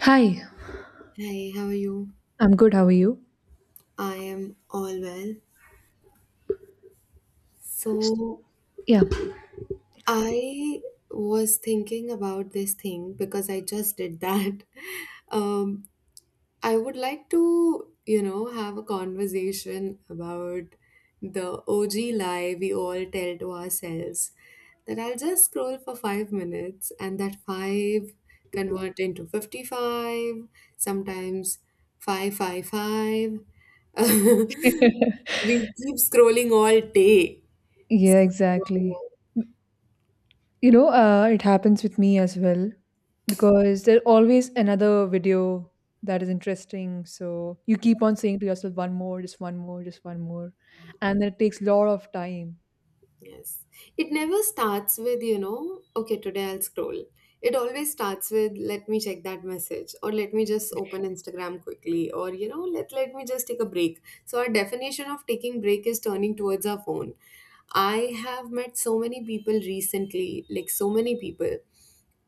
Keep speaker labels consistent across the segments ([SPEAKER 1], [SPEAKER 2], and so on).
[SPEAKER 1] Hi,
[SPEAKER 2] Hey, how are you?
[SPEAKER 1] I'm good. How are you?
[SPEAKER 2] I am all well. So,
[SPEAKER 1] Yeah.
[SPEAKER 2] I was thinking about this thing because I just did that. Um, I would like to, have a conversation about the OG lie we all tell to ourselves that I'll just scroll for 5 minutes and that five convert into 55, sometimes 555. We keep scrolling all day.
[SPEAKER 1] Yeah, exactly.
[SPEAKER 2] Oh.
[SPEAKER 1] You know, it happens with me as well because there's always another video that is interesting. So you keep on saying to yourself, one more, just one more, just one more. And it takes a lot of time.
[SPEAKER 2] Yes. It never starts with, okay, today I'll scroll. It always starts with let me check that message or let me just open Instagram quickly or let me just take a break. So our definition of taking break is turning towards our phone. I have met so many people recently, like so many people.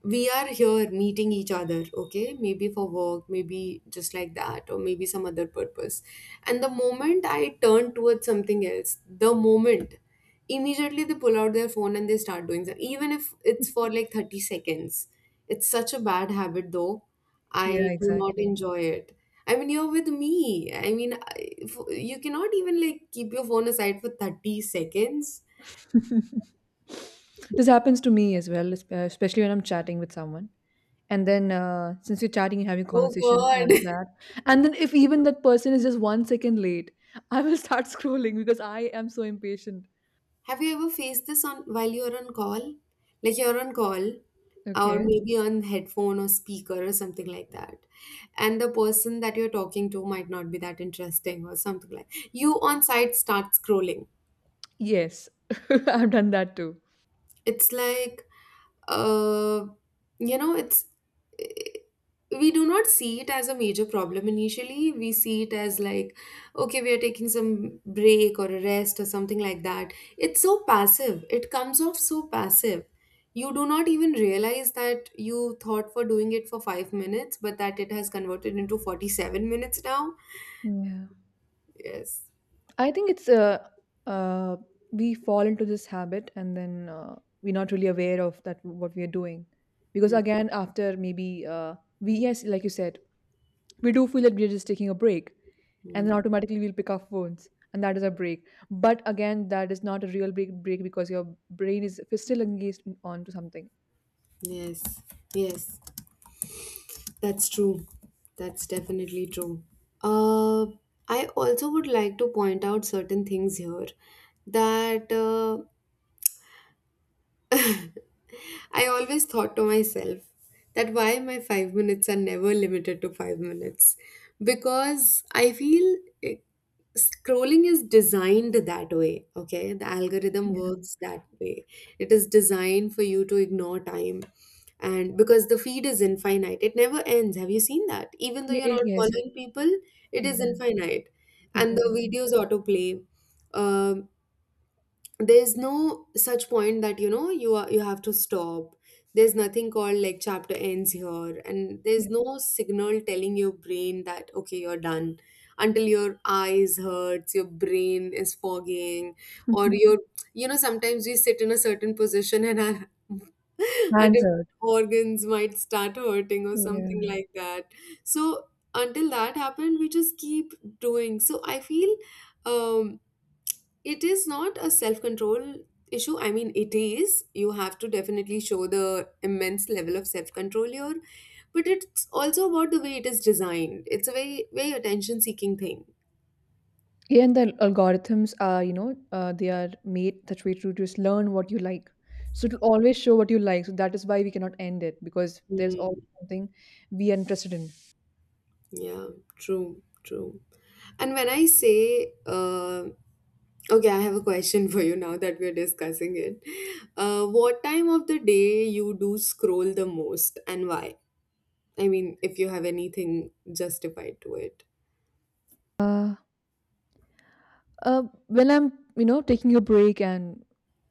[SPEAKER 2] We are here meeting each other, okay? Maybe for work, maybe just like that, or maybe some other purpose. And the moment I turn towards something else, the moment immediately they pull out their phone and they start doing that even if it's for like 30 seconds. It's such a bad habit, though.
[SPEAKER 1] Yeah,
[SPEAKER 2] I do not
[SPEAKER 1] exactly.
[SPEAKER 2] enjoy it. I mean, you're with me. I mean, you cannot even like keep your phone aside for 30 seconds.
[SPEAKER 1] This happens to me as well, especially when I'm chatting with someone. And then since you're chatting and having a
[SPEAKER 2] Oh
[SPEAKER 1] conversation on
[SPEAKER 2] god.
[SPEAKER 1] chat, and then if even that person is just 1 second late, I will start scrolling because I am so impatient.
[SPEAKER 2] Have you ever faced this on while you're on call? Like you're on call or
[SPEAKER 1] Okay.
[SPEAKER 2] maybe on headphone or speaker or something like that. And the person that you're talking to might not be that interesting or something, like you on site start scrolling.
[SPEAKER 1] Yes. I've done that too.
[SPEAKER 2] It's like uh, it's we do not see it as a major problem initially. We see it as like, okay, we are taking some break or a rest or something like that. It's so passive. It comes off so passive. You do not even realize that you thought for doing it for 5 minutes, but that it has converted into 47 minutes now.
[SPEAKER 1] Yeah,
[SPEAKER 2] Yes.
[SPEAKER 1] I think it's uh we fall into this habit, and then we're not really aware of that what we are doing, because again, after maybe we yes, like you said, we do feel that we're just taking a break. And then
[SPEAKER 2] Mhm.
[SPEAKER 1] automatically we'll pick our phones, and that is a break, but again, that is not a real break break, because your brain is still engaged on to something.
[SPEAKER 2] Yes. Yes. That's true. That's definitely true. Uh, I also would like to point out certain things here that I always thought to myself that why my 5 minutes are never limited to 5 minutes because I feel scrolling is designed that way. Okay, the algorithm
[SPEAKER 1] Yeah.
[SPEAKER 2] works that way. It is designed for you to ignore time, and because the feed is infinite it never ends. Have you seen that even though
[SPEAKER 1] Yeah,
[SPEAKER 2] you're not
[SPEAKER 1] yes.
[SPEAKER 2] following people, it is
[SPEAKER 1] Exactly,
[SPEAKER 2] infinite? And the
[SPEAKER 1] exactly.
[SPEAKER 2] videos autoplay. um, there's no such point that you have to stop. There's nothing called like chapter ends here, and there's
[SPEAKER 1] Yeah.
[SPEAKER 2] no signal telling your brain that okay, you're done, until your eyes hurts, your brain is fogging, or your, sometimes we sit in a certain position and our, our different
[SPEAKER 1] Answered.
[SPEAKER 2] organs might start hurting or something
[SPEAKER 1] Yeah.
[SPEAKER 2] like that. So until that happened, we just keep doing. So I feel um it is not a self control issue. I mean, it is. You have to definitely show the immense level of self control here, but it's also about the way it is designed. It's a very, very attention seeking thing.
[SPEAKER 1] Yeah, and the algorithms are you know they are made such way to just learn what you like, so to always show what you like, so that is why we cannot end it, because there's
[SPEAKER 2] Mm,
[SPEAKER 1] always something we are interested in.
[SPEAKER 2] yeah, true, true. And when I say, okay, I have a question for you now that we're discussing it. What time of the day you do scroll the most and why? I mean, if you have anything justified to it.
[SPEAKER 1] uh, when I'm, you know, taking a break and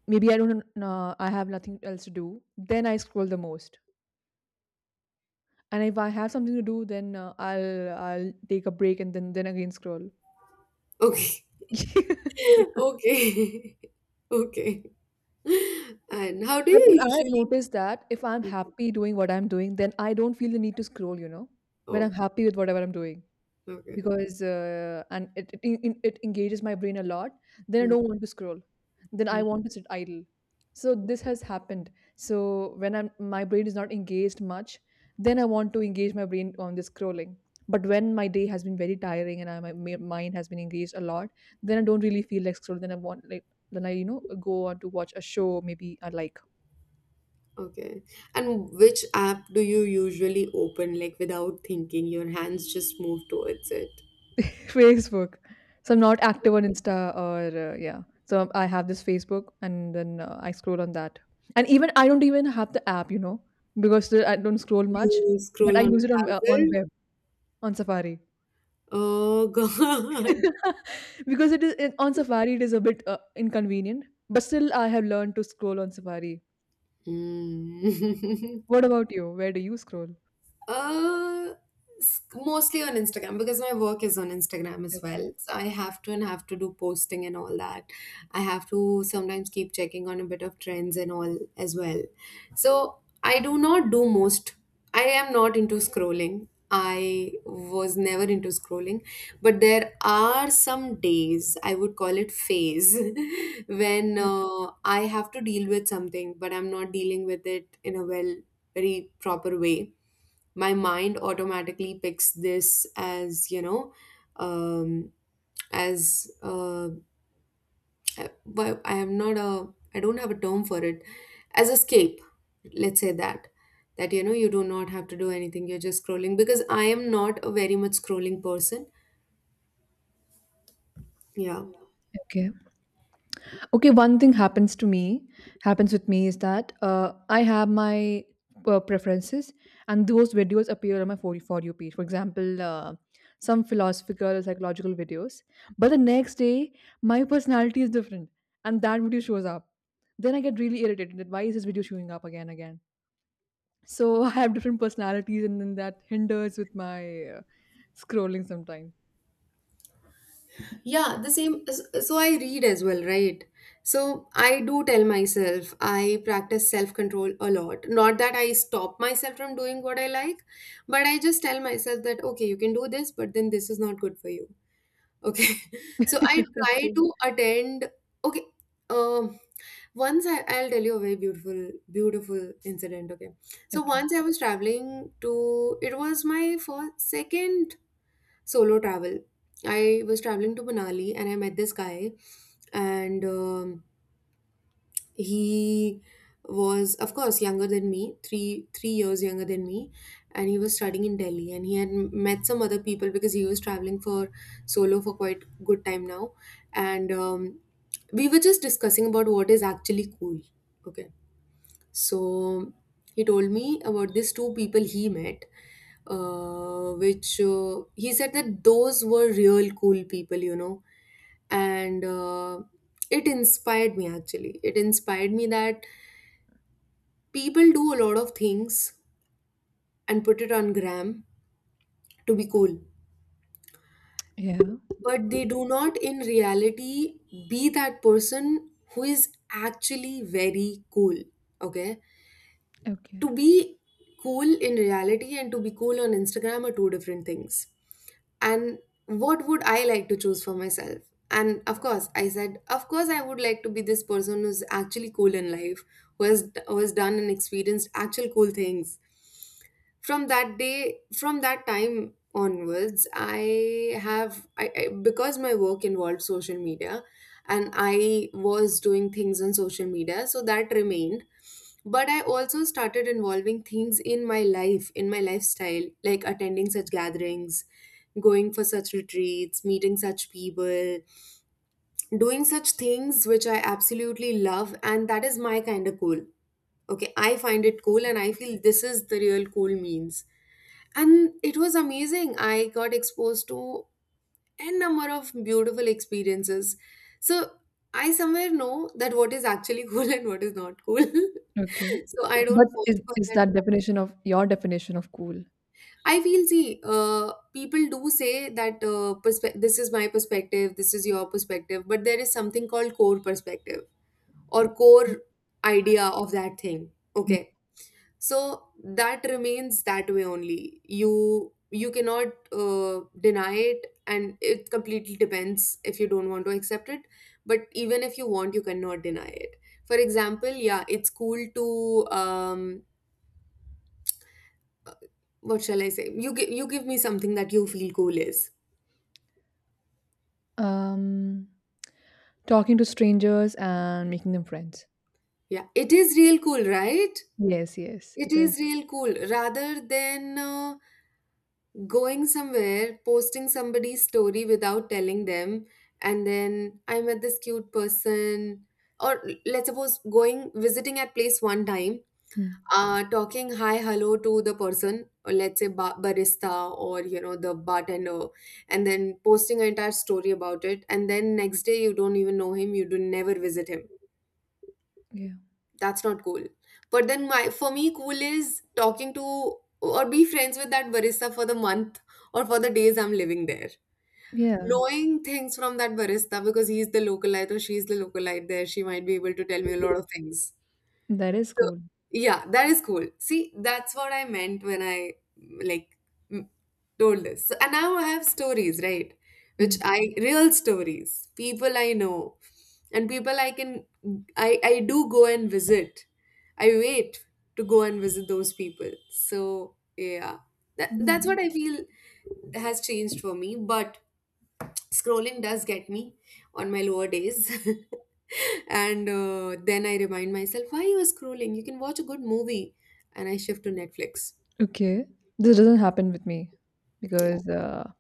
[SPEAKER 1] maybe I have nothing else to do, then I scroll the most. And if I have something to do, then I'll take a break, and then again scroll.
[SPEAKER 2] Okay.
[SPEAKER 1] Yeah.
[SPEAKER 2] Okay. Okay. And how do
[SPEAKER 1] But
[SPEAKER 2] you
[SPEAKER 1] what I have
[SPEAKER 2] usually?
[SPEAKER 1] noticed that if I'm happy doing what I'm doing, then I don't feel the need to scroll. You know, when I'm
[SPEAKER 2] Okay.
[SPEAKER 1] happy with whatever I'm doing.
[SPEAKER 2] Okay.
[SPEAKER 1] Because and it engages my brain a lot, then I
[SPEAKER 2] Mm,
[SPEAKER 1] don't want to scroll, then I
[SPEAKER 2] mm.
[SPEAKER 1] want to sit idle. So this has happened. So when I'm my brain is not engaged much, then I want to engage my brain on this scrolling. But when my day has been very tiring, and my mind has been engaged a lot, then I don't really feel like scrolling, then I want, like, then I, go on to watch a show maybe I like.
[SPEAKER 2] Okay. And which app do you usually open, like without thinking? Your hands just move towards it.
[SPEAKER 1] Facebook. So I'm not active on Insta, or yeah. So I have this Facebook, and then I scroll on that. And even I don't even have the app, you know, because I don't scroll much,
[SPEAKER 2] You
[SPEAKER 1] but I
[SPEAKER 2] scroll on
[SPEAKER 1] use it on
[SPEAKER 2] browser.
[SPEAKER 1] web, on Safari.
[SPEAKER 2] Oh God.
[SPEAKER 1] Because on Safari, it is a bit inconvenient, but still I have learned to scroll on Safari.
[SPEAKER 2] Mm.
[SPEAKER 1] What about you? Where do you scroll?
[SPEAKER 2] Uh, mostly on Instagram because my work is on Instagram as
[SPEAKER 1] Okay.
[SPEAKER 2] well. So I have to and have to do posting and all that. I have to sometimes keep checking on a bit of trends and all as well. So I do not do most. I am not into scrolling. I was never into scrolling, but there are some days, I would call it phase, when
[SPEAKER 1] Okay.
[SPEAKER 2] I have to deal with something, but I'm not dealing with it in a well, very proper way. My mind automatically picks this as um as uh but I am not a, I don't have a term for it, as escape, let's say that. That you do not have to do anything, you're just scrolling, because I am not a very much scrolling person. Yeah.
[SPEAKER 1] Okay. Okay, one thing happens with me is that I have my preferences, and those videos appear on my For You page. For example, some philosophical or psychological videos, but the next day my personality is different, and that video shows up. Then I get really irritated that why is this video showing up again and again. So I have different personalities, and then that hinders with my uh, scrolling sometimes.
[SPEAKER 2] Yeah, the same. So I read as well, right? So I do tell myself I practice self control a lot. Not that I stop myself from doing what I like, but I just tell myself that, okay, you can do this, but then this is not good for you. Okay. So I try
[SPEAKER 1] Okay.
[SPEAKER 2] to attend. Okay. Um, once I, I'll tell you a very beautiful, beautiful incident. Okay. So
[SPEAKER 1] Okay.
[SPEAKER 2] once I was traveling to, it was my first, second solo travel. I was traveling to Manali and I met this guy, and he was, of course, younger than me, three years younger than me, and he was studying in Delhi. And he had met some other people because he was traveling for solo for quite good time now, and we were just discussing about what is actually cool. Okay, so he told me about these two people he met, which he said that those were real cool people, you know. And it inspired me actually. It inspired me that people do a lot of things and put it on gram to be cool,
[SPEAKER 1] Yeah.
[SPEAKER 2] but they do not in reality be that person who is actually very cool. Okay.
[SPEAKER 1] Okay.
[SPEAKER 2] To be cool in reality and to be cool on Instagram are two different things. And what would I like to choose for myself? And of course, I said, of course, I would like to be this person who's actually cool in life, who has done and experienced actual cool things. From that day, from that time onwards, I have, because my work involved social media and I was doing things on social media, so that remained, but I also started involving things in my life, in my lifestyle, like attending such gatherings, going for such retreats, meeting such people, doing such things which I absolutely love. And that is my kind of cool. Okay, I find it cool and I feel this is the real cool means. And it was amazing. I got exposed to a number of beautiful experiences. So I somewhere know that what is actually cool and what is not cool.
[SPEAKER 1] Okay.
[SPEAKER 2] So I
[SPEAKER 1] But
[SPEAKER 2] don't fall
[SPEAKER 1] is
[SPEAKER 2] for
[SPEAKER 1] is
[SPEAKER 2] that.
[SPEAKER 1] that definition of your definition of cool?
[SPEAKER 2] I feel, see, people do say that this is my perspective, this is your perspective, but there is something called core perspective or core idea of that thing.
[SPEAKER 1] Mm.
[SPEAKER 2] Okay, so that remains that way only. You cannot deny it, and it completely depends if you don't want to accept it. But even if you want, you cannot deny it. For example, yeah, it's cool to um, what shall I say? You give me something that you feel cool is.
[SPEAKER 1] Um, Talking to strangers and making them friends.
[SPEAKER 2] Yeah, it is real cool, right?
[SPEAKER 1] Yes, yes,
[SPEAKER 2] It
[SPEAKER 1] it is.
[SPEAKER 2] is real cool. Rather than going somewhere, posting somebody's story without telling them, and then I met this cute person, or let's suppose going visiting at place one time,
[SPEAKER 1] Mm,
[SPEAKER 2] talking hi hello to the person, or let's say barista or the bartender, and then posting an entire story about it, and then next day you don't even know him, you do never visit him.
[SPEAKER 1] yeah,
[SPEAKER 2] That's not cool. But then my for me cool is talking to or be friends with that barista for the month or for the days I'm living there,
[SPEAKER 1] yeah,
[SPEAKER 2] knowing things from that barista because he's the localite or she's the localite there. She might be able to tell me a lot of things.
[SPEAKER 1] that is
[SPEAKER 2] So,
[SPEAKER 1] cool.
[SPEAKER 2] yeah, that is cool. See, that's what I meant when I like m- told this. So, and now I have stories, right? Which
[SPEAKER 1] Mm,
[SPEAKER 2] I real stories, people I know, and people I can, I do go and visit. I wait to go and visit those people. So yeah, that
[SPEAKER 1] yeah.
[SPEAKER 2] that's what I feel has changed for me. But scrolling does get me on my lower days. And then I remind myself, why you are scrolling? You can watch a good movie. And I shift to Netflix.
[SPEAKER 1] Okay, this doesn't happen with me,
[SPEAKER 2] Yeah.
[SPEAKER 1] because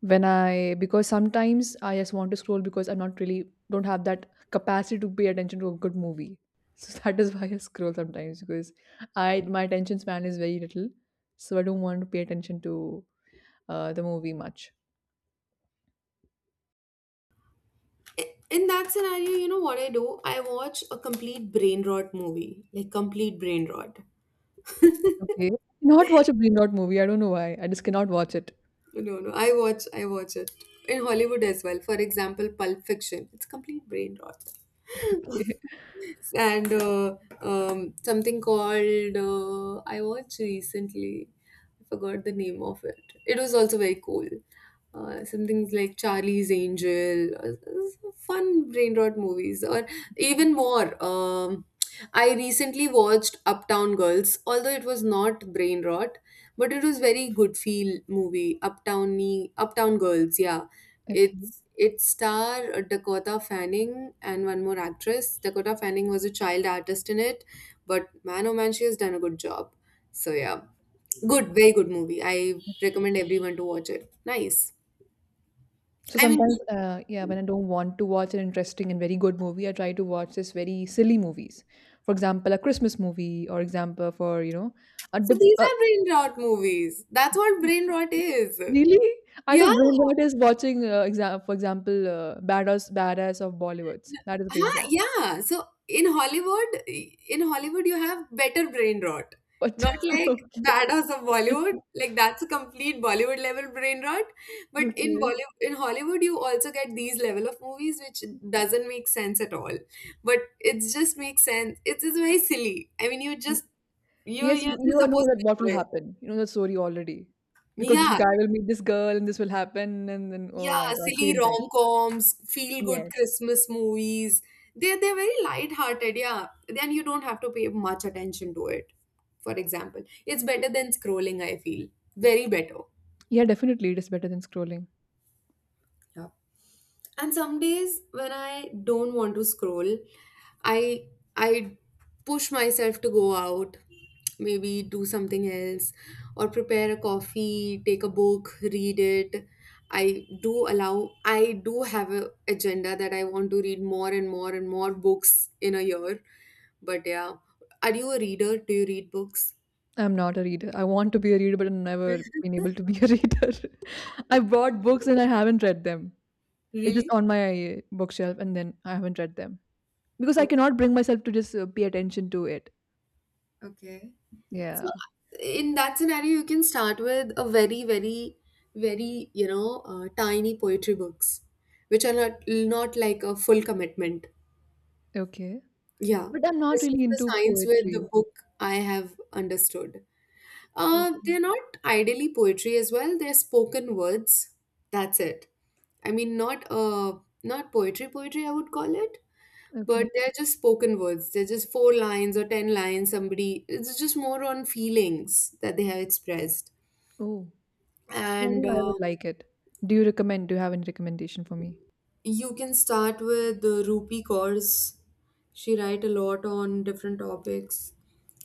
[SPEAKER 1] when I because sometimes I just want to scroll, because I'm not really don't have that capacity to pay attention to a good movie. So that is why I scroll sometimes, because I my attention span is very little, so I don't want to pay attention to the movie much.
[SPEAKER 2] I- In that scenario, you know what I do? I watch a complete brain rot movie, like complete brain rot.
[SPEAKER 1] Okay. Not watch a brain rot movie. I don't know why. I just cannot watch it.
[SPEAKER 2] No, no, no. I watch it in Hollywood as well. For example, Pulp Fiction. It's complete brain rot.
[SPEAKER 1] Okay.
[SPEAKER 2] And something called I watched recently. I forgot the name of it. It was also very cool. Some things like Charlie's Angel, some fun brain rot movies, or even more. I recently watched Uptown Girls, although it was not brain rot, but it was very good feel movie. Uptowny, Uptown Girls, yeah,
[SPEAKER 1] Okay.
[SPEAKER 2] it star Dakota Fanning and one more actress. Dakota Fanning was a child artist in it, but man oh man, she has done a good job. So yeah, good, very good movie. I
[SPEAKER 1] Okay.
[SPEAKER 2] recommend everyone to watch it. Nice.
[SPEAKER 1] So
[SPEAKER 2] I mean,
[SPEAKER 1] sometimes, yeah, when I don't want to watch an interesting and very good movie, I try to watch this very silly movies. For example, a Christmas movie, or example a
[SPEAKER 2] so these are brain rot movies. That's what brain rot is.
[SPEAKER 1] really. I
[SPEAKER 2] Yeah.
[SPEAKER 1] thought brain rot is watching, for example, badass of Bollywoods. That is brain
[SPEAKER 2] Huh?
[SPEAKER 1] rot.
[SPEAKER 2] Yeah. So in Hollywood, you have better brain rot.
[SPEAKER 1] But
[SPEAKER 2] Not like
[SPEAKER 1] okay,
[SPEAKER 2] badass of Bollywood. Like that's a complete Bollywood level brain rot. But in
[SPEAKER 1] okay.
[SPEAKER 2] Bollywood, in Hollywood, you also get these level of movies, which doesn't make sense at all. But it just makes sense. It's just very silly. I mean, you just you
[SPEAKER 1] Yes, you,
[SPEAKER 2] you're
[SPEAKER 1] you
[SPEAKER 2] just
[SPEAKER 1] know
[SPEAKER 2] supposed
[SPEAKER 1] that
[SPEAKER 2] to
[SPEAKER 1] what will
[SPEAKER 2] enjoy it.
[SPEAKER 1] happen. You know that story already. Because this
[SPEAKER 2] Yeah.
[SPEAKER 1] guy will meet this girl, and this will happen, and then oh
[SPEAKER 2] Yeah,
[SPEAKER 1] my god,
[SPEAKER 2] silly
[SPEAKER 1] same thing.
[SPEAKER 2] rom-coms, feel-good
[SPEAKER 1] Yes.
[SPEAKER 2] Christmas movies. They're very light-hearted, yeah. Then you don't have to pay much attention to it. For example, it's better than scrolling, I feel. Very better.
[SPEAKER 1] Yeah, definitely it is better than scrolling.
[SPEAKER 2] Yeah. And some days when I don't want to scroll, i I push myself to go out, maybe do something else, or prepare a coffee, take a book, read it. I do allow i do have a agenda that I want to read more and more and more books in a year. But yeah, are you a reader? Do you read books?
[SPEAKER 1] I'm not a reader. I want to be a reader, but I've never been able to be a reader. I bought books and I haven't read them. It's just
[SPEAKER 2] Really?
[SPEAKER 1] on my bookshelf, and then I haven't read them. Because I
[SPEAKER 2] Okay,
[SPEAKER 1] cannot bring myself to just pay attention to it.
[SPEAKER 2] okay.
[SPEAKER 1] Yeah.
[SPEAKER 2] So in that scenario, you can start with a very, very, very, you know, tiny poetry books, which are not like a full commitment.
[SPEAKER 1] Okay.
[SPEAKER 2] Yeah,
[SPEAKER 1] But I'm not
[SPEAKER 2] this is
[SPEAKER 1] really
[SPEAKER 2] the
[SPEAKER 1] into
[SPEAKER 2] science with the
[SPEAKER 1] poetry.
[SPEAKER 2] book I have understood.
[SPEAKER 1] Okay.
[SPEAKER 2] They're not ideally poetry as well. They're spoken words. That's it. I mean, not not poetry I would call it, but
[SPEAKER 1] Okay.
[SPEAKER 2] they're just spoken words. They're just 4 lines or 10 lines. Somebody, it's just more on feelings that they have expressed.
[SPEAKER 1] Oh. So I
[SPEAKER 2] And
[SPEAKER 1] think I would like it. Do you recommend? Do you have any recommendation for me?
[SPEAKER 2] You can start with the Rupi Kaur's. She write a lot on different topics.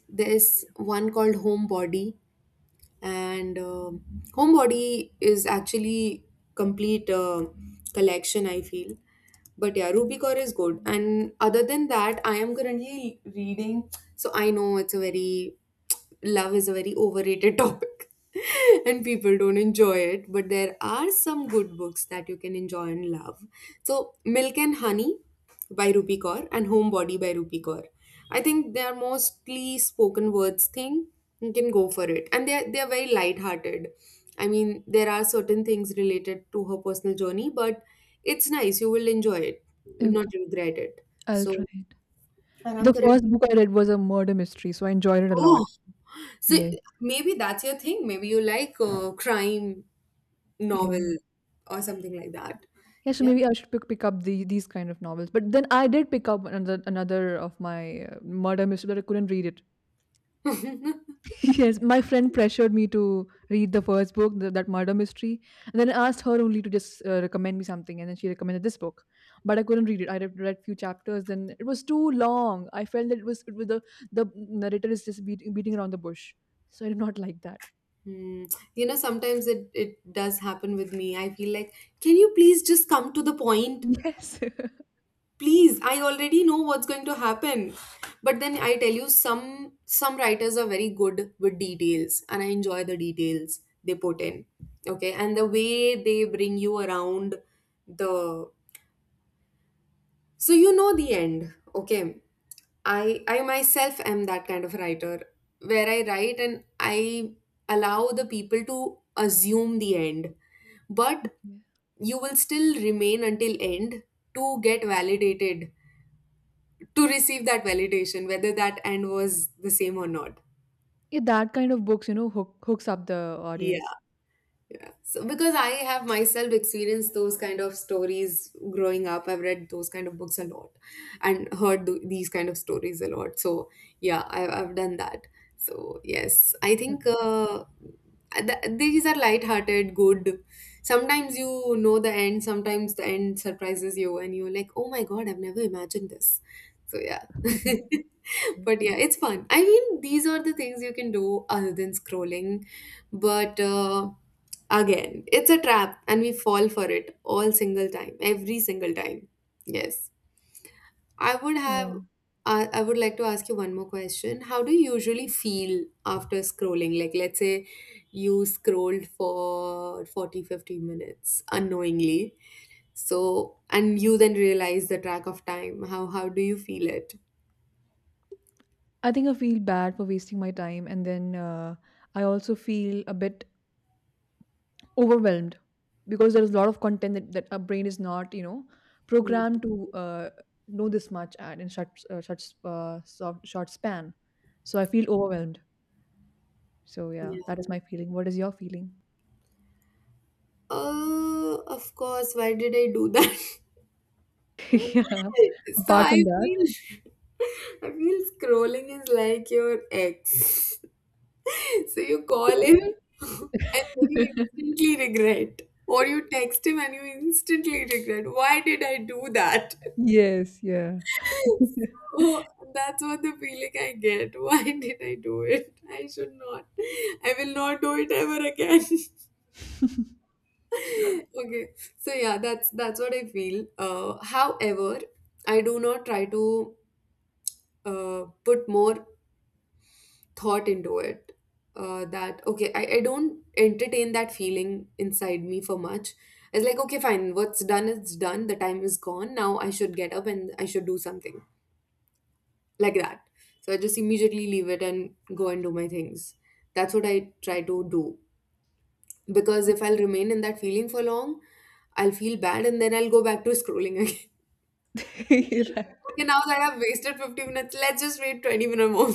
[SPEAKER 2] There's one called Home Body. And Homebody is actually complete collection I feel. But yeah, Rubicore is good, and other than that, I am currently reading, so I know it's a very— love is a very overrated topic, and people don't enjoy it, but there are some good books that you can enjoy and love. So Milk and Honey by Rupi Kaur and Homebody by Rupi Kaur. I think they are mostly spoken words thing. You can go for it. And they're very light-hearted. I mean, there are certain things related to her personal journey, but it's nice. You will enjoy it. You'll
[SPEAKER 1] Okay,
[SPEAKER 2] not regret it.
[SPEAKER 1] I'll try
[SPEAKER 2] So
[SPEAKER 1] it. The first book I read was a murder mystery, so I enjoyed it a lot.
[SPEAKER 2] oh, so
[SPEAKER 1] Yes.
[SPEAKER 2] maybe that's your thing. Maybe you like crime novel
[SPEAKER 1] Yeah.
[SPEAKER 2] or something like that.
[SPEAKER 1] Yeah, so
[SPEAKER 2] Yeah.
[SPEAKER 1] maybe I should pick up these kind of novels. But then I did pick up another of my murder mystery, but I couldn't read it. Yes, my friend pressured me to read the first book, that murder mystery, and then I asked her only to just recommend me something, and then she recommended this book, but I couldn't read it. I read few chapters, then it was too long. I felt that it was the narrator is just beating around the bush, so I did not like that.
[SPEAKER 2] Hmm. You know, sometimes it does happen with me. I feel like, can you please just come to the point?
[SPEAKER 1] Yes, yeah.
[SPEAKER 2] Please, I already know what's going to happen. But then I tell you, some writers are very good with details, and I enjoy the details they put in. Okay, and the way they bring you around the— so you know the end, okay? I myself am that kind of writer where I write and I allow the people to assume the end. But you will still remain until end to get validated, to receive that validation, whether that end was the same or not.
[SPEAKER 1] Yeah, that kind of books, hooks up the audience.
[SPEAKER 2] Yeah. So because I have myself experienced those kind of stories growing up, I've read those kind of books a lot and heard these kind of stories a lot. So yeah, I— I've done that. So yes, I think these are light-hearted, good. Sometimes you know the end, sometimes the end surprises you, and you're like, oh my God, I've never imagined this. So yeah.
[SPEAKER 1] Okay.
[SPEAKER 2] But yeah, it's fun. I mean, these are the things you can do other than scrolling. But Again, it's a trap and we fall for it all single time, every single time. Yes. I would have
[SPEAKER 1] Yeah,
[SPEAKER 2] I I would like to ask you one more question. How do you usually feel after scrolling? Like let's say you scrolled for 40, 50 minutes unknowingly. So and you then realize the track of time. How do you feel it?
[SPEAKER 1] I think I feel bad for wasting my time, and then I also feel a bit overwhelmed, because there is a lot of content that our brain is not
[SPEAKER 2] Hmm.
[SPEAKER 1] programmed to know this much at in such short span. So I feel overwhelmed. So yeah,
[SPEAKER 2] Yeah.
[SPEAKER 1] that is my feeling. What is your feeling?
[SPEAKER 2] Of course, why did I do that?
[SPEAKER 1] Yeah,
[SPEAKER 2] So
[SPEAKER 1] apart
[SPEAKER 2] I
[SPEAKER 1] from that.
[SPEAKER 2] feel, I feel scrolling is like your ex. So you call him and then you instantly regret. Or you text him and you instantly regret. Why did I do that?
[SPEAKER 1] Yes, yeah.
[SPEAKER 2] So that's what the feeling I get. Why did I do it? I should not. I will not do it ever again. Okay. So yeah, that's what I feel. However, I do not try to put more thought into it, that okay, I don't entertain that feeling inside me for much. It's like okay, fine, what's done is done, the time is gone, now I should get up and I should do something, like that. So I just immediately leave it and go and do my things. That's what I try to do. Because if I'll remain in that feeling for long, I'll feel bad and then I'll go back to scrolling again.
[SPEAKER 1] You're right.
[SPEAKER 2] Okay, now that I've wasted 50 minutes, let's just wait 20 minutes more.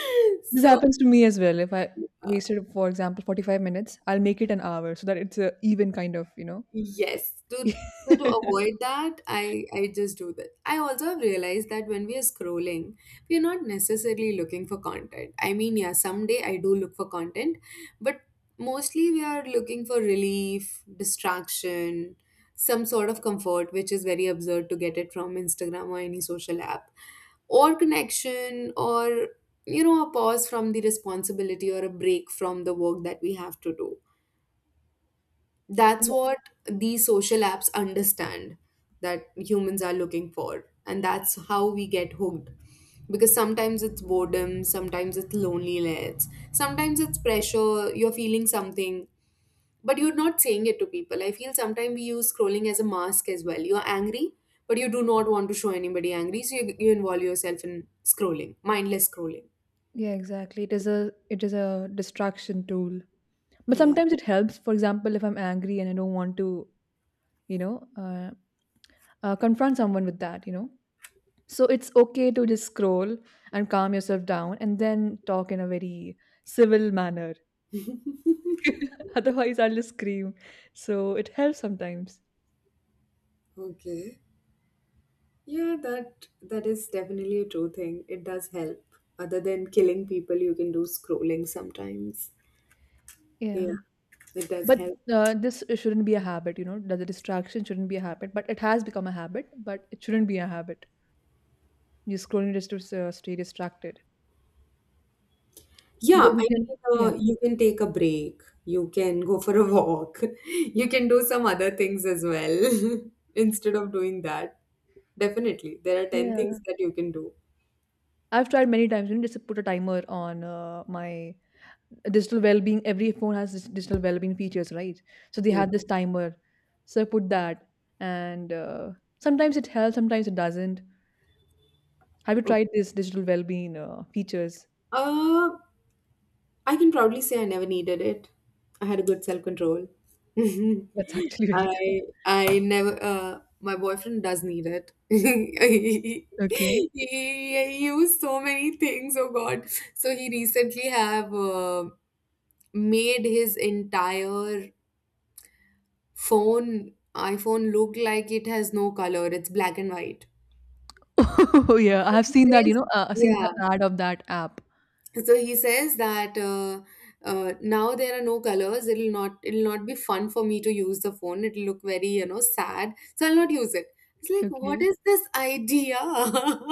[SPEAKER 1] This
[SPEAKER 2] So
[SPEAKER 1] happens to me as well. If I wasted, for example, 45 minutes, I'll make it an hour, so that it's a even kind of.
[SPEAKER 2] yes, to so to avoid that, I just do that. I also have realized that when we are scrolling, we are not necessarily looking for content. I mean, yeah, someday I do look for content, but mostly we are looking for relief, distraction, some sort of comfort, which is very absurd to get it from Instagram or any social app, or connection, or you know, a pause from the responsibility or a break from the work that we have to do. That's what these social apps understand that humans are looking for. And that's how we get hooked. Because sometimes it's boredom, sometimes it's loneliness, sometimes it's pressure, you're feeling something, but you're not saying it to people. I feel sometimes we use scrolling as a mask as well. You're angry, but you do not want to show anybody angry, so you involve yourself in scrolling, mindless scrolling.
[SPEAKER 1] Yeah, exactly. It is a distraction tool, but
[SPEAKER 2] Yeah.
[SPEAKER 1] sometimes it helps. For example, if I'm angry, and I don't want to, you know, uh, confront someone with that, so it's okay to just scroll and calm yourself down, and then talk in a very civil manner. Otherwise, I'll just scream. So it helps sometimes.
[SPEAKER 2] Okay. Yeah, that is definitely a true thing. It does help. Other than killing people, you can do scrolling sometimes.
[SPEAKER 1] Yeah,
[SPEAKER 2] Yeah, it does
[SPEAKER 1] but
[SPEAKER 2] help.
[SPEAKER 1] this shouldn't be a habit, you know. The distraction shouldn't be a habit, but it has become a habit. But it shouldn't be a habit. You scrolling just to stay distracted because
[SPEAKER 2] Yeah,
[SPEAKER 1] you
[SPEAKER 2] I
[SPEAKER 1] can.
[SPEAKER 2] mean, you can take a break. You can go for a walk. You can do some other things as well instead of doing that. Definitely, there are ten
[SPEAKER 1] Yeah.
[SPEAKER 2] things that you can do.
[SPEAKER 1] I've tried many times. You know, just put a timer on my digital well-being. Every phone has this digital well-being features, right? So they
[SPEAKER 2] Yeah.
[SPEAKER 1] had this timer. So I put that, and sometimes it helps, sometimes it doesn't. Have you
[SPEAKER 2] Oh,
[SPEAKER 1] tried this digital well-being features?
[SPEAKER 2] uh, I can proudly say I never needed it. I had a good self control.
[SPEAKER 1] That's actually very good.
[SPEAKER 2] I never. My boyfriend does need it.
[SPEAKER 1] Okay.
[SPEAKER 2] He used so many things. Oh God! So he recently have made his entire phone iPhone look like it has no color. It's black and white.
[SPEAKER 1] Oh yeah, I
[SPEAKER 2] So
[SPEAKER 1] have
[SPEAKER 2] he
[SPEAKER 1] seen that.
[SPEAKER 2] says,
[SPEAKER 1] I've seen the
[SPEAKER 2] yeah.
[SPEAKER 1] ad of that app.
[SPEAKER 2] So he says that now there are no colors, it'll not be fun for me to use the phone, it'll look very, you know, sad, so I'll not use it. It's like, what
[SPEAKER 1] Okay.
[SPEAKER 2] is this idea?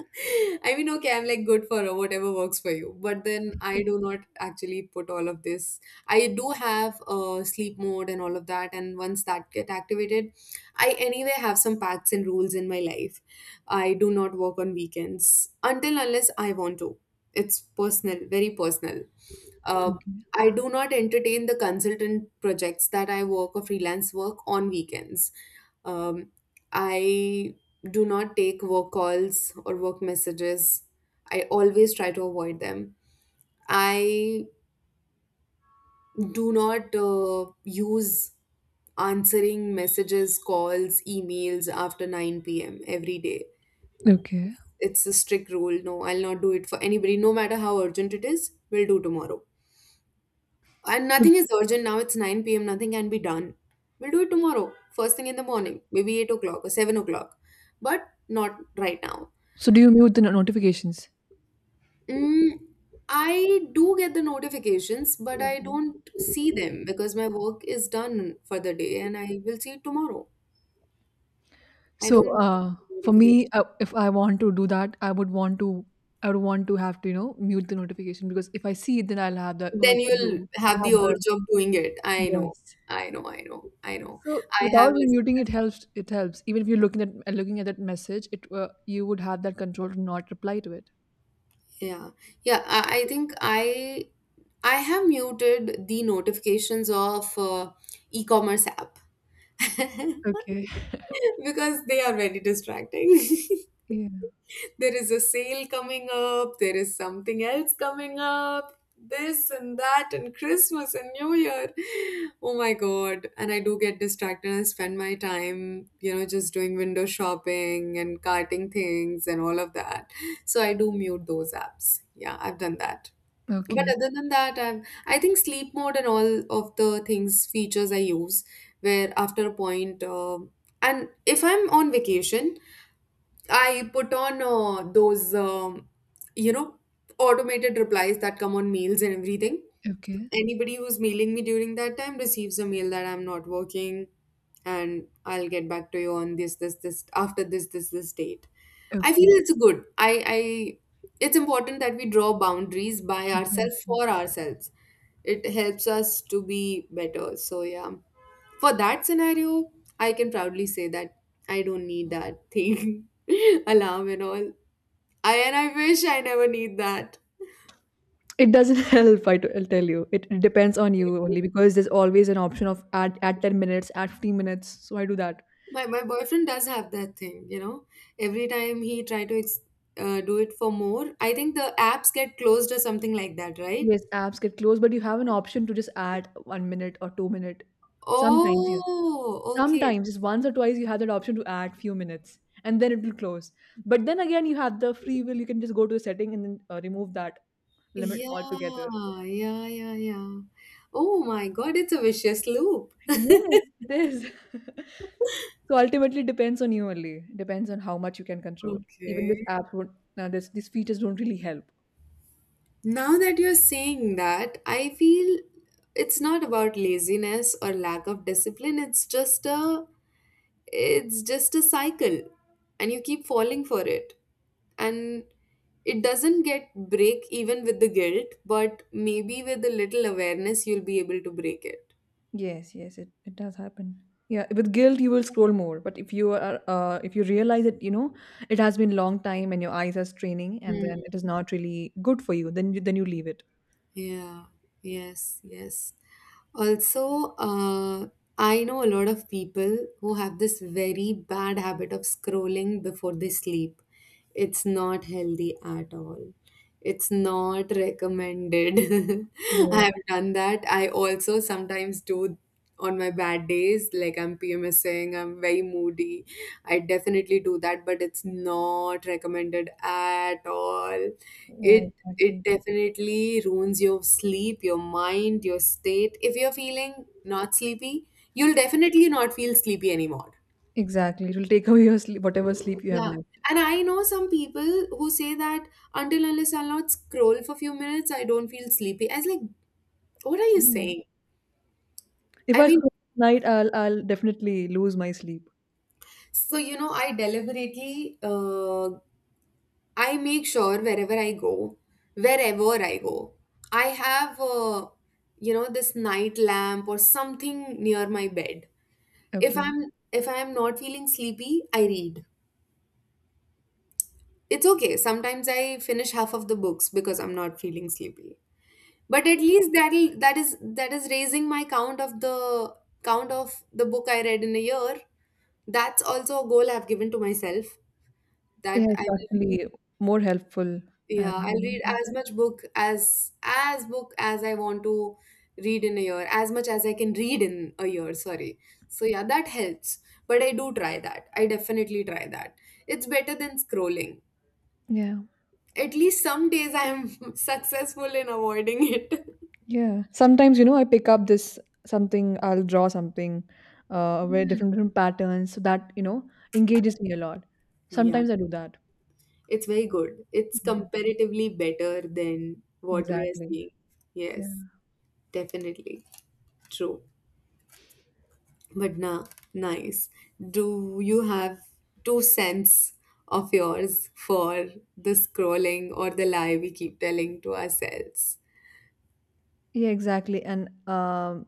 [SPEAKER 2] I mean, okay, I'm like good for whatever works for you, but then I do not actually put all of this. I do have sleep mode and all of that, and once that get activated, I anyway have some pacts and rules in my life. I do not work on weekends until unless I want to. It's personal, very personal. uh,
[SPEAKER 1] Okay.
[SPEAKER 2] I do not entertain the consultant projects that I work or freelance work on weekends. um, I do not take work calls or work messages. I always try to avoid them. I do not use answering messages, calls, emails after 9 p.m every day.
[SPEAKER 1] Okay.
[SPEAKER 2] It's a strict rule, no, I'll not do it for anybody, no matter how urgent it is, we'll do tomorrow. And
[SPEAKER 1] So,
[SPEAKER 2] nothing is urgent now. It's 9 p.m. Nothing can be done. We'll do it tomorrow, first thing in the morning, maybe 8 o'clock or 7 o'clock, but not right now.
[SPEAKER 1] so, do you mute the notifications?
[SPEAKER 2] Mm, I do get the notifications, but I
[SPEAKER 1] Okay.
[SPEAKER 2] don't see them because my work is done for the day and I will see it tomorrow. I don't
[SPEAKER 1] So,
[SPEAKER 2] see the
[SPEAKER 1] for me,
[SPEAKER 2] notification.
[SPEAKER 1] if I want to do that, I would want to have to mute the notification, because if I see it, then I'll have the urge
[SPEAKER 2] Then
[SPEAKER 1] to
[SPEAKER 2] you'll
[SPEAKER 1] do,
[SPEAKER 2] have the
[SPEAKER 1] have the,
[SPEAKER 2] urge of doing it. I know.
[SPEAKER 1] yes.
[SPEAKER 2] I know. I know. I know.
[SPEAKER 1] So
[SPEAKER 2] I have.
[SPEAKER 1] without
[SPEAKER 2] Lis—
[SPEAKER 1] muting, it helps. It helps. Even if you're looking at that message, it you would have that control to not reply to it.
[SPEAKER 2] yeah. Yeah. I think I have muted the notifications of e-commerce app
[SPEAKER 1] Okay.
[SPEAKER 2] because they are very distracting.
[SPEAKER 1] Yeah.
[SPEAKER 2] There is a sale coming up, there is something else coming up, this and that, and Christmas and New Year. Oh my god. And I do get distracted and spend my time, you know, just doing window shopping and carting things and all of that. So I do mute those apps. Yeah, I've done that. But
[SPEAKER 1] Okay.
[SPEAKER 2] other than that, I think sleep mode and all of the things, features I use, where after a point, and if I'm on vacation, I put on those, you know, automated replies that come on mails and everything.
[SPEAKER 1] Okay.
[SPEAKER 2] Anybody who's mailing me during that time receives a mail that I'm not working and I'll get back to you on this, this, this, after this, this, this date. I feel
[SPEAKER 1] Okay.
[SPEAKER 2] it's good. It's important that we draw boundaries by
[SPEAKER 1] Mhm.
[SPEAKER 2] ourselves for ourselves. It helps us to be better. So, yeah, for that scenario, I can proudly say that I don't need that thing, alarm and all. I and I wish I never need that.
[SPEAKER 1] It doesn't help, I'll tell you. It depends on you only, because there's always an option of at 10 minutes, at 15 minutes. So I do that.
[SPEAKER 2] My boyfriend does have that thing, you know. Every time he try to do it for more, I think the apps get closed or something like that, right?
[SPEAKER 1] Yes, apps get closed, but you have an option to just add 1 minute or 2 minute. Sometimes
[SPEAKER 2] Oh, okay.
[SPEAKER 1] sometimes just once or twice you have that option to add few minutes, and then it will close. But then again, you have the free will. You can just go to the setting and then remove that limit
[SPEAKER 2] Yeah,
[SPEAKER 1] altogether.
[SPEAKER 2] yeah, yeah, yeah. Oh my God, it's a vicious loop.
[SPEAKER 1] Yes, it is. So ultimately, it depends on you only. Depends on how much you can control. Even
[SPEAKER 2] Okay.
[SPEAKER 1] this app, won't, this these features don't really help.
[SPEAKER 2] Now that you're saying that, I feel it's not about laziness or lack of discipline. It's just a cycle, and you keep falling for it. And it doesn't get break even with the guilt, but maybe with a little awareness you'll be able to break it.
[SPEAKER 1] Yes, yes, it does happen. Yeah, with guilt you will scroll more, but if you realize that it has been long time, and your eyes are straining, and then it is not really good for you, then you leave it.
[SPEAKER 2] Yeah, yes, yes. Also, I know a lot of people who have this very bad habit of scrolling before they sleep. It's not healthy at all. It's not recommended. I
[SPEAKER 1] Yes.
[SPEAKER 2] have done that. I also sometimes do on my bad days, like I'm PMSing, I'm very moody. I definitely do that, but it's not recommended at all.
[SPEAKER 1] Yeah,
[SPEAKER 2] It it
[SPEAKER 1] exactly.
[SPEAKER 2] definitely ruins your sleep, your mind, your state. If you're feeling not sleepy, you'll definitely not feel sleepy anymore.
[SPEAKER 1] Exactly. It will take away your sleep, whatever sleep you have
[SPEAKER 2] Yeah.
[SPEAKER 1] left.
[SPEAKER 2] And I know some people who say that until unless I'll not scroll for a few minutes, I don't feel sleepy. I was like, what are you
[SPEAKER 1] Mm.
[SPEAKER 2] saying?
[SPEAKER 1] If
[SPEAKER 2] I
[SPEAKER 1] I scroll
[SPEAKER 2] mean,
[SPEAKER 1] at night, I'll definitely lose my sleep.
[SPEAKER 2] so you know, I deliberately, I make sure wherever I go, I have, you know, this night lamp or something near my bed. If
[SPEAKER 1] Okay.
[SPEAKER 2] I'm if I'm not feeling sleepy, I read. It's okay. Sometimes I finish half of the books because I'm not feeling sleepy. But at least that is raising my count of the book I read in a year. That's also a goal I've given to myself,
[SPEAKER 1] Yeah,
[SPEAKER 2] that
[SPEAKER 1] it's
[SPEAKER 2] I will.
[SPEAKER 1] actually more helpful, and
[SPEAKER 2] Yeah, I'll
[SPEAKER 1] then
[SPEAKER 2] read
[SPEAKER 1] yeah.
[SPEAKER 2] as much book as I want to read in a year, as much as I can read in a year, sorry. So yeah, that helps. But I do try that. I definitely try that. It's better than scrolling.
[SPEAKER 1] Yeah.
[SPEAKER 2] At least some days I am successful in avoiding it.
[SPEAKER 1] Yeah. Sometimes, I pick up this something, I'll draw something, where different patterns, so that engages me a lot.
[SPEAKER 2] Yeah,
[SPEAKER 1] Sometimes I do that.
[SPEAKER 2] it's very good. It's
[SPEAKER 1] Yeah,
[SPEAKER 2] comparatively better than what we are
[SPEAKER 1] exactly.
[SPEAKER 2] seeing.
[SPEAKER 1] Yeah.
[SPEAKER 2] Yes, definitely. True. But na nice. Do you have two cents of yours for the scrolling or the lie we keep telling to ourselves?
[SPEAKER 1] Yeah, exactly. And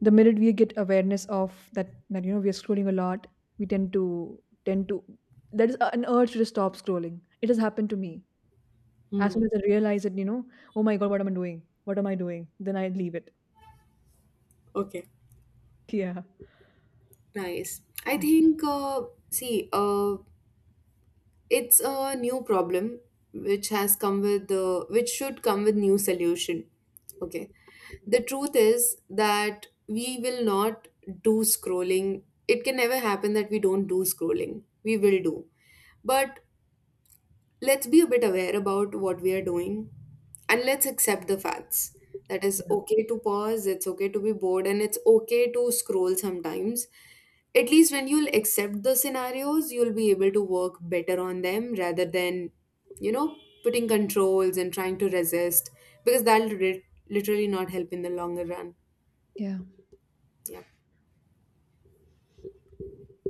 [SPEAKER 1] the minute we get awareness of that we are scrolling a lot, we tend to there is an urge to just stop scrolling. It has happened to me. As soon
[SPEAKER 2] Hmm.
[SPEAKER 1] as I realize it, oh my god, what am I doing? What am I doing? Then I leave it.
[SPEAKER 2] Okay.
[SPEAKER 1] Yeah.
[SPEAKER 2] Nice. I think, see, it's a new problem which should come with new solution. Okay. The truth is that we will not do scrolling. It can never happen that we don't do scrolling. We will do. But let's be a bit aware about what we are doing, and let's accept the facts. That is okay to pause, it's okay to be bored, and it's okay to scroll sometimes. At least when you'll accept the scenarios, you'll be able to work better on them rather than, you know, putting controls and trying to resist because literally not help in the longer run.
[SPEAKER 1] Yeah.
[SPEAKER 2] Yeah.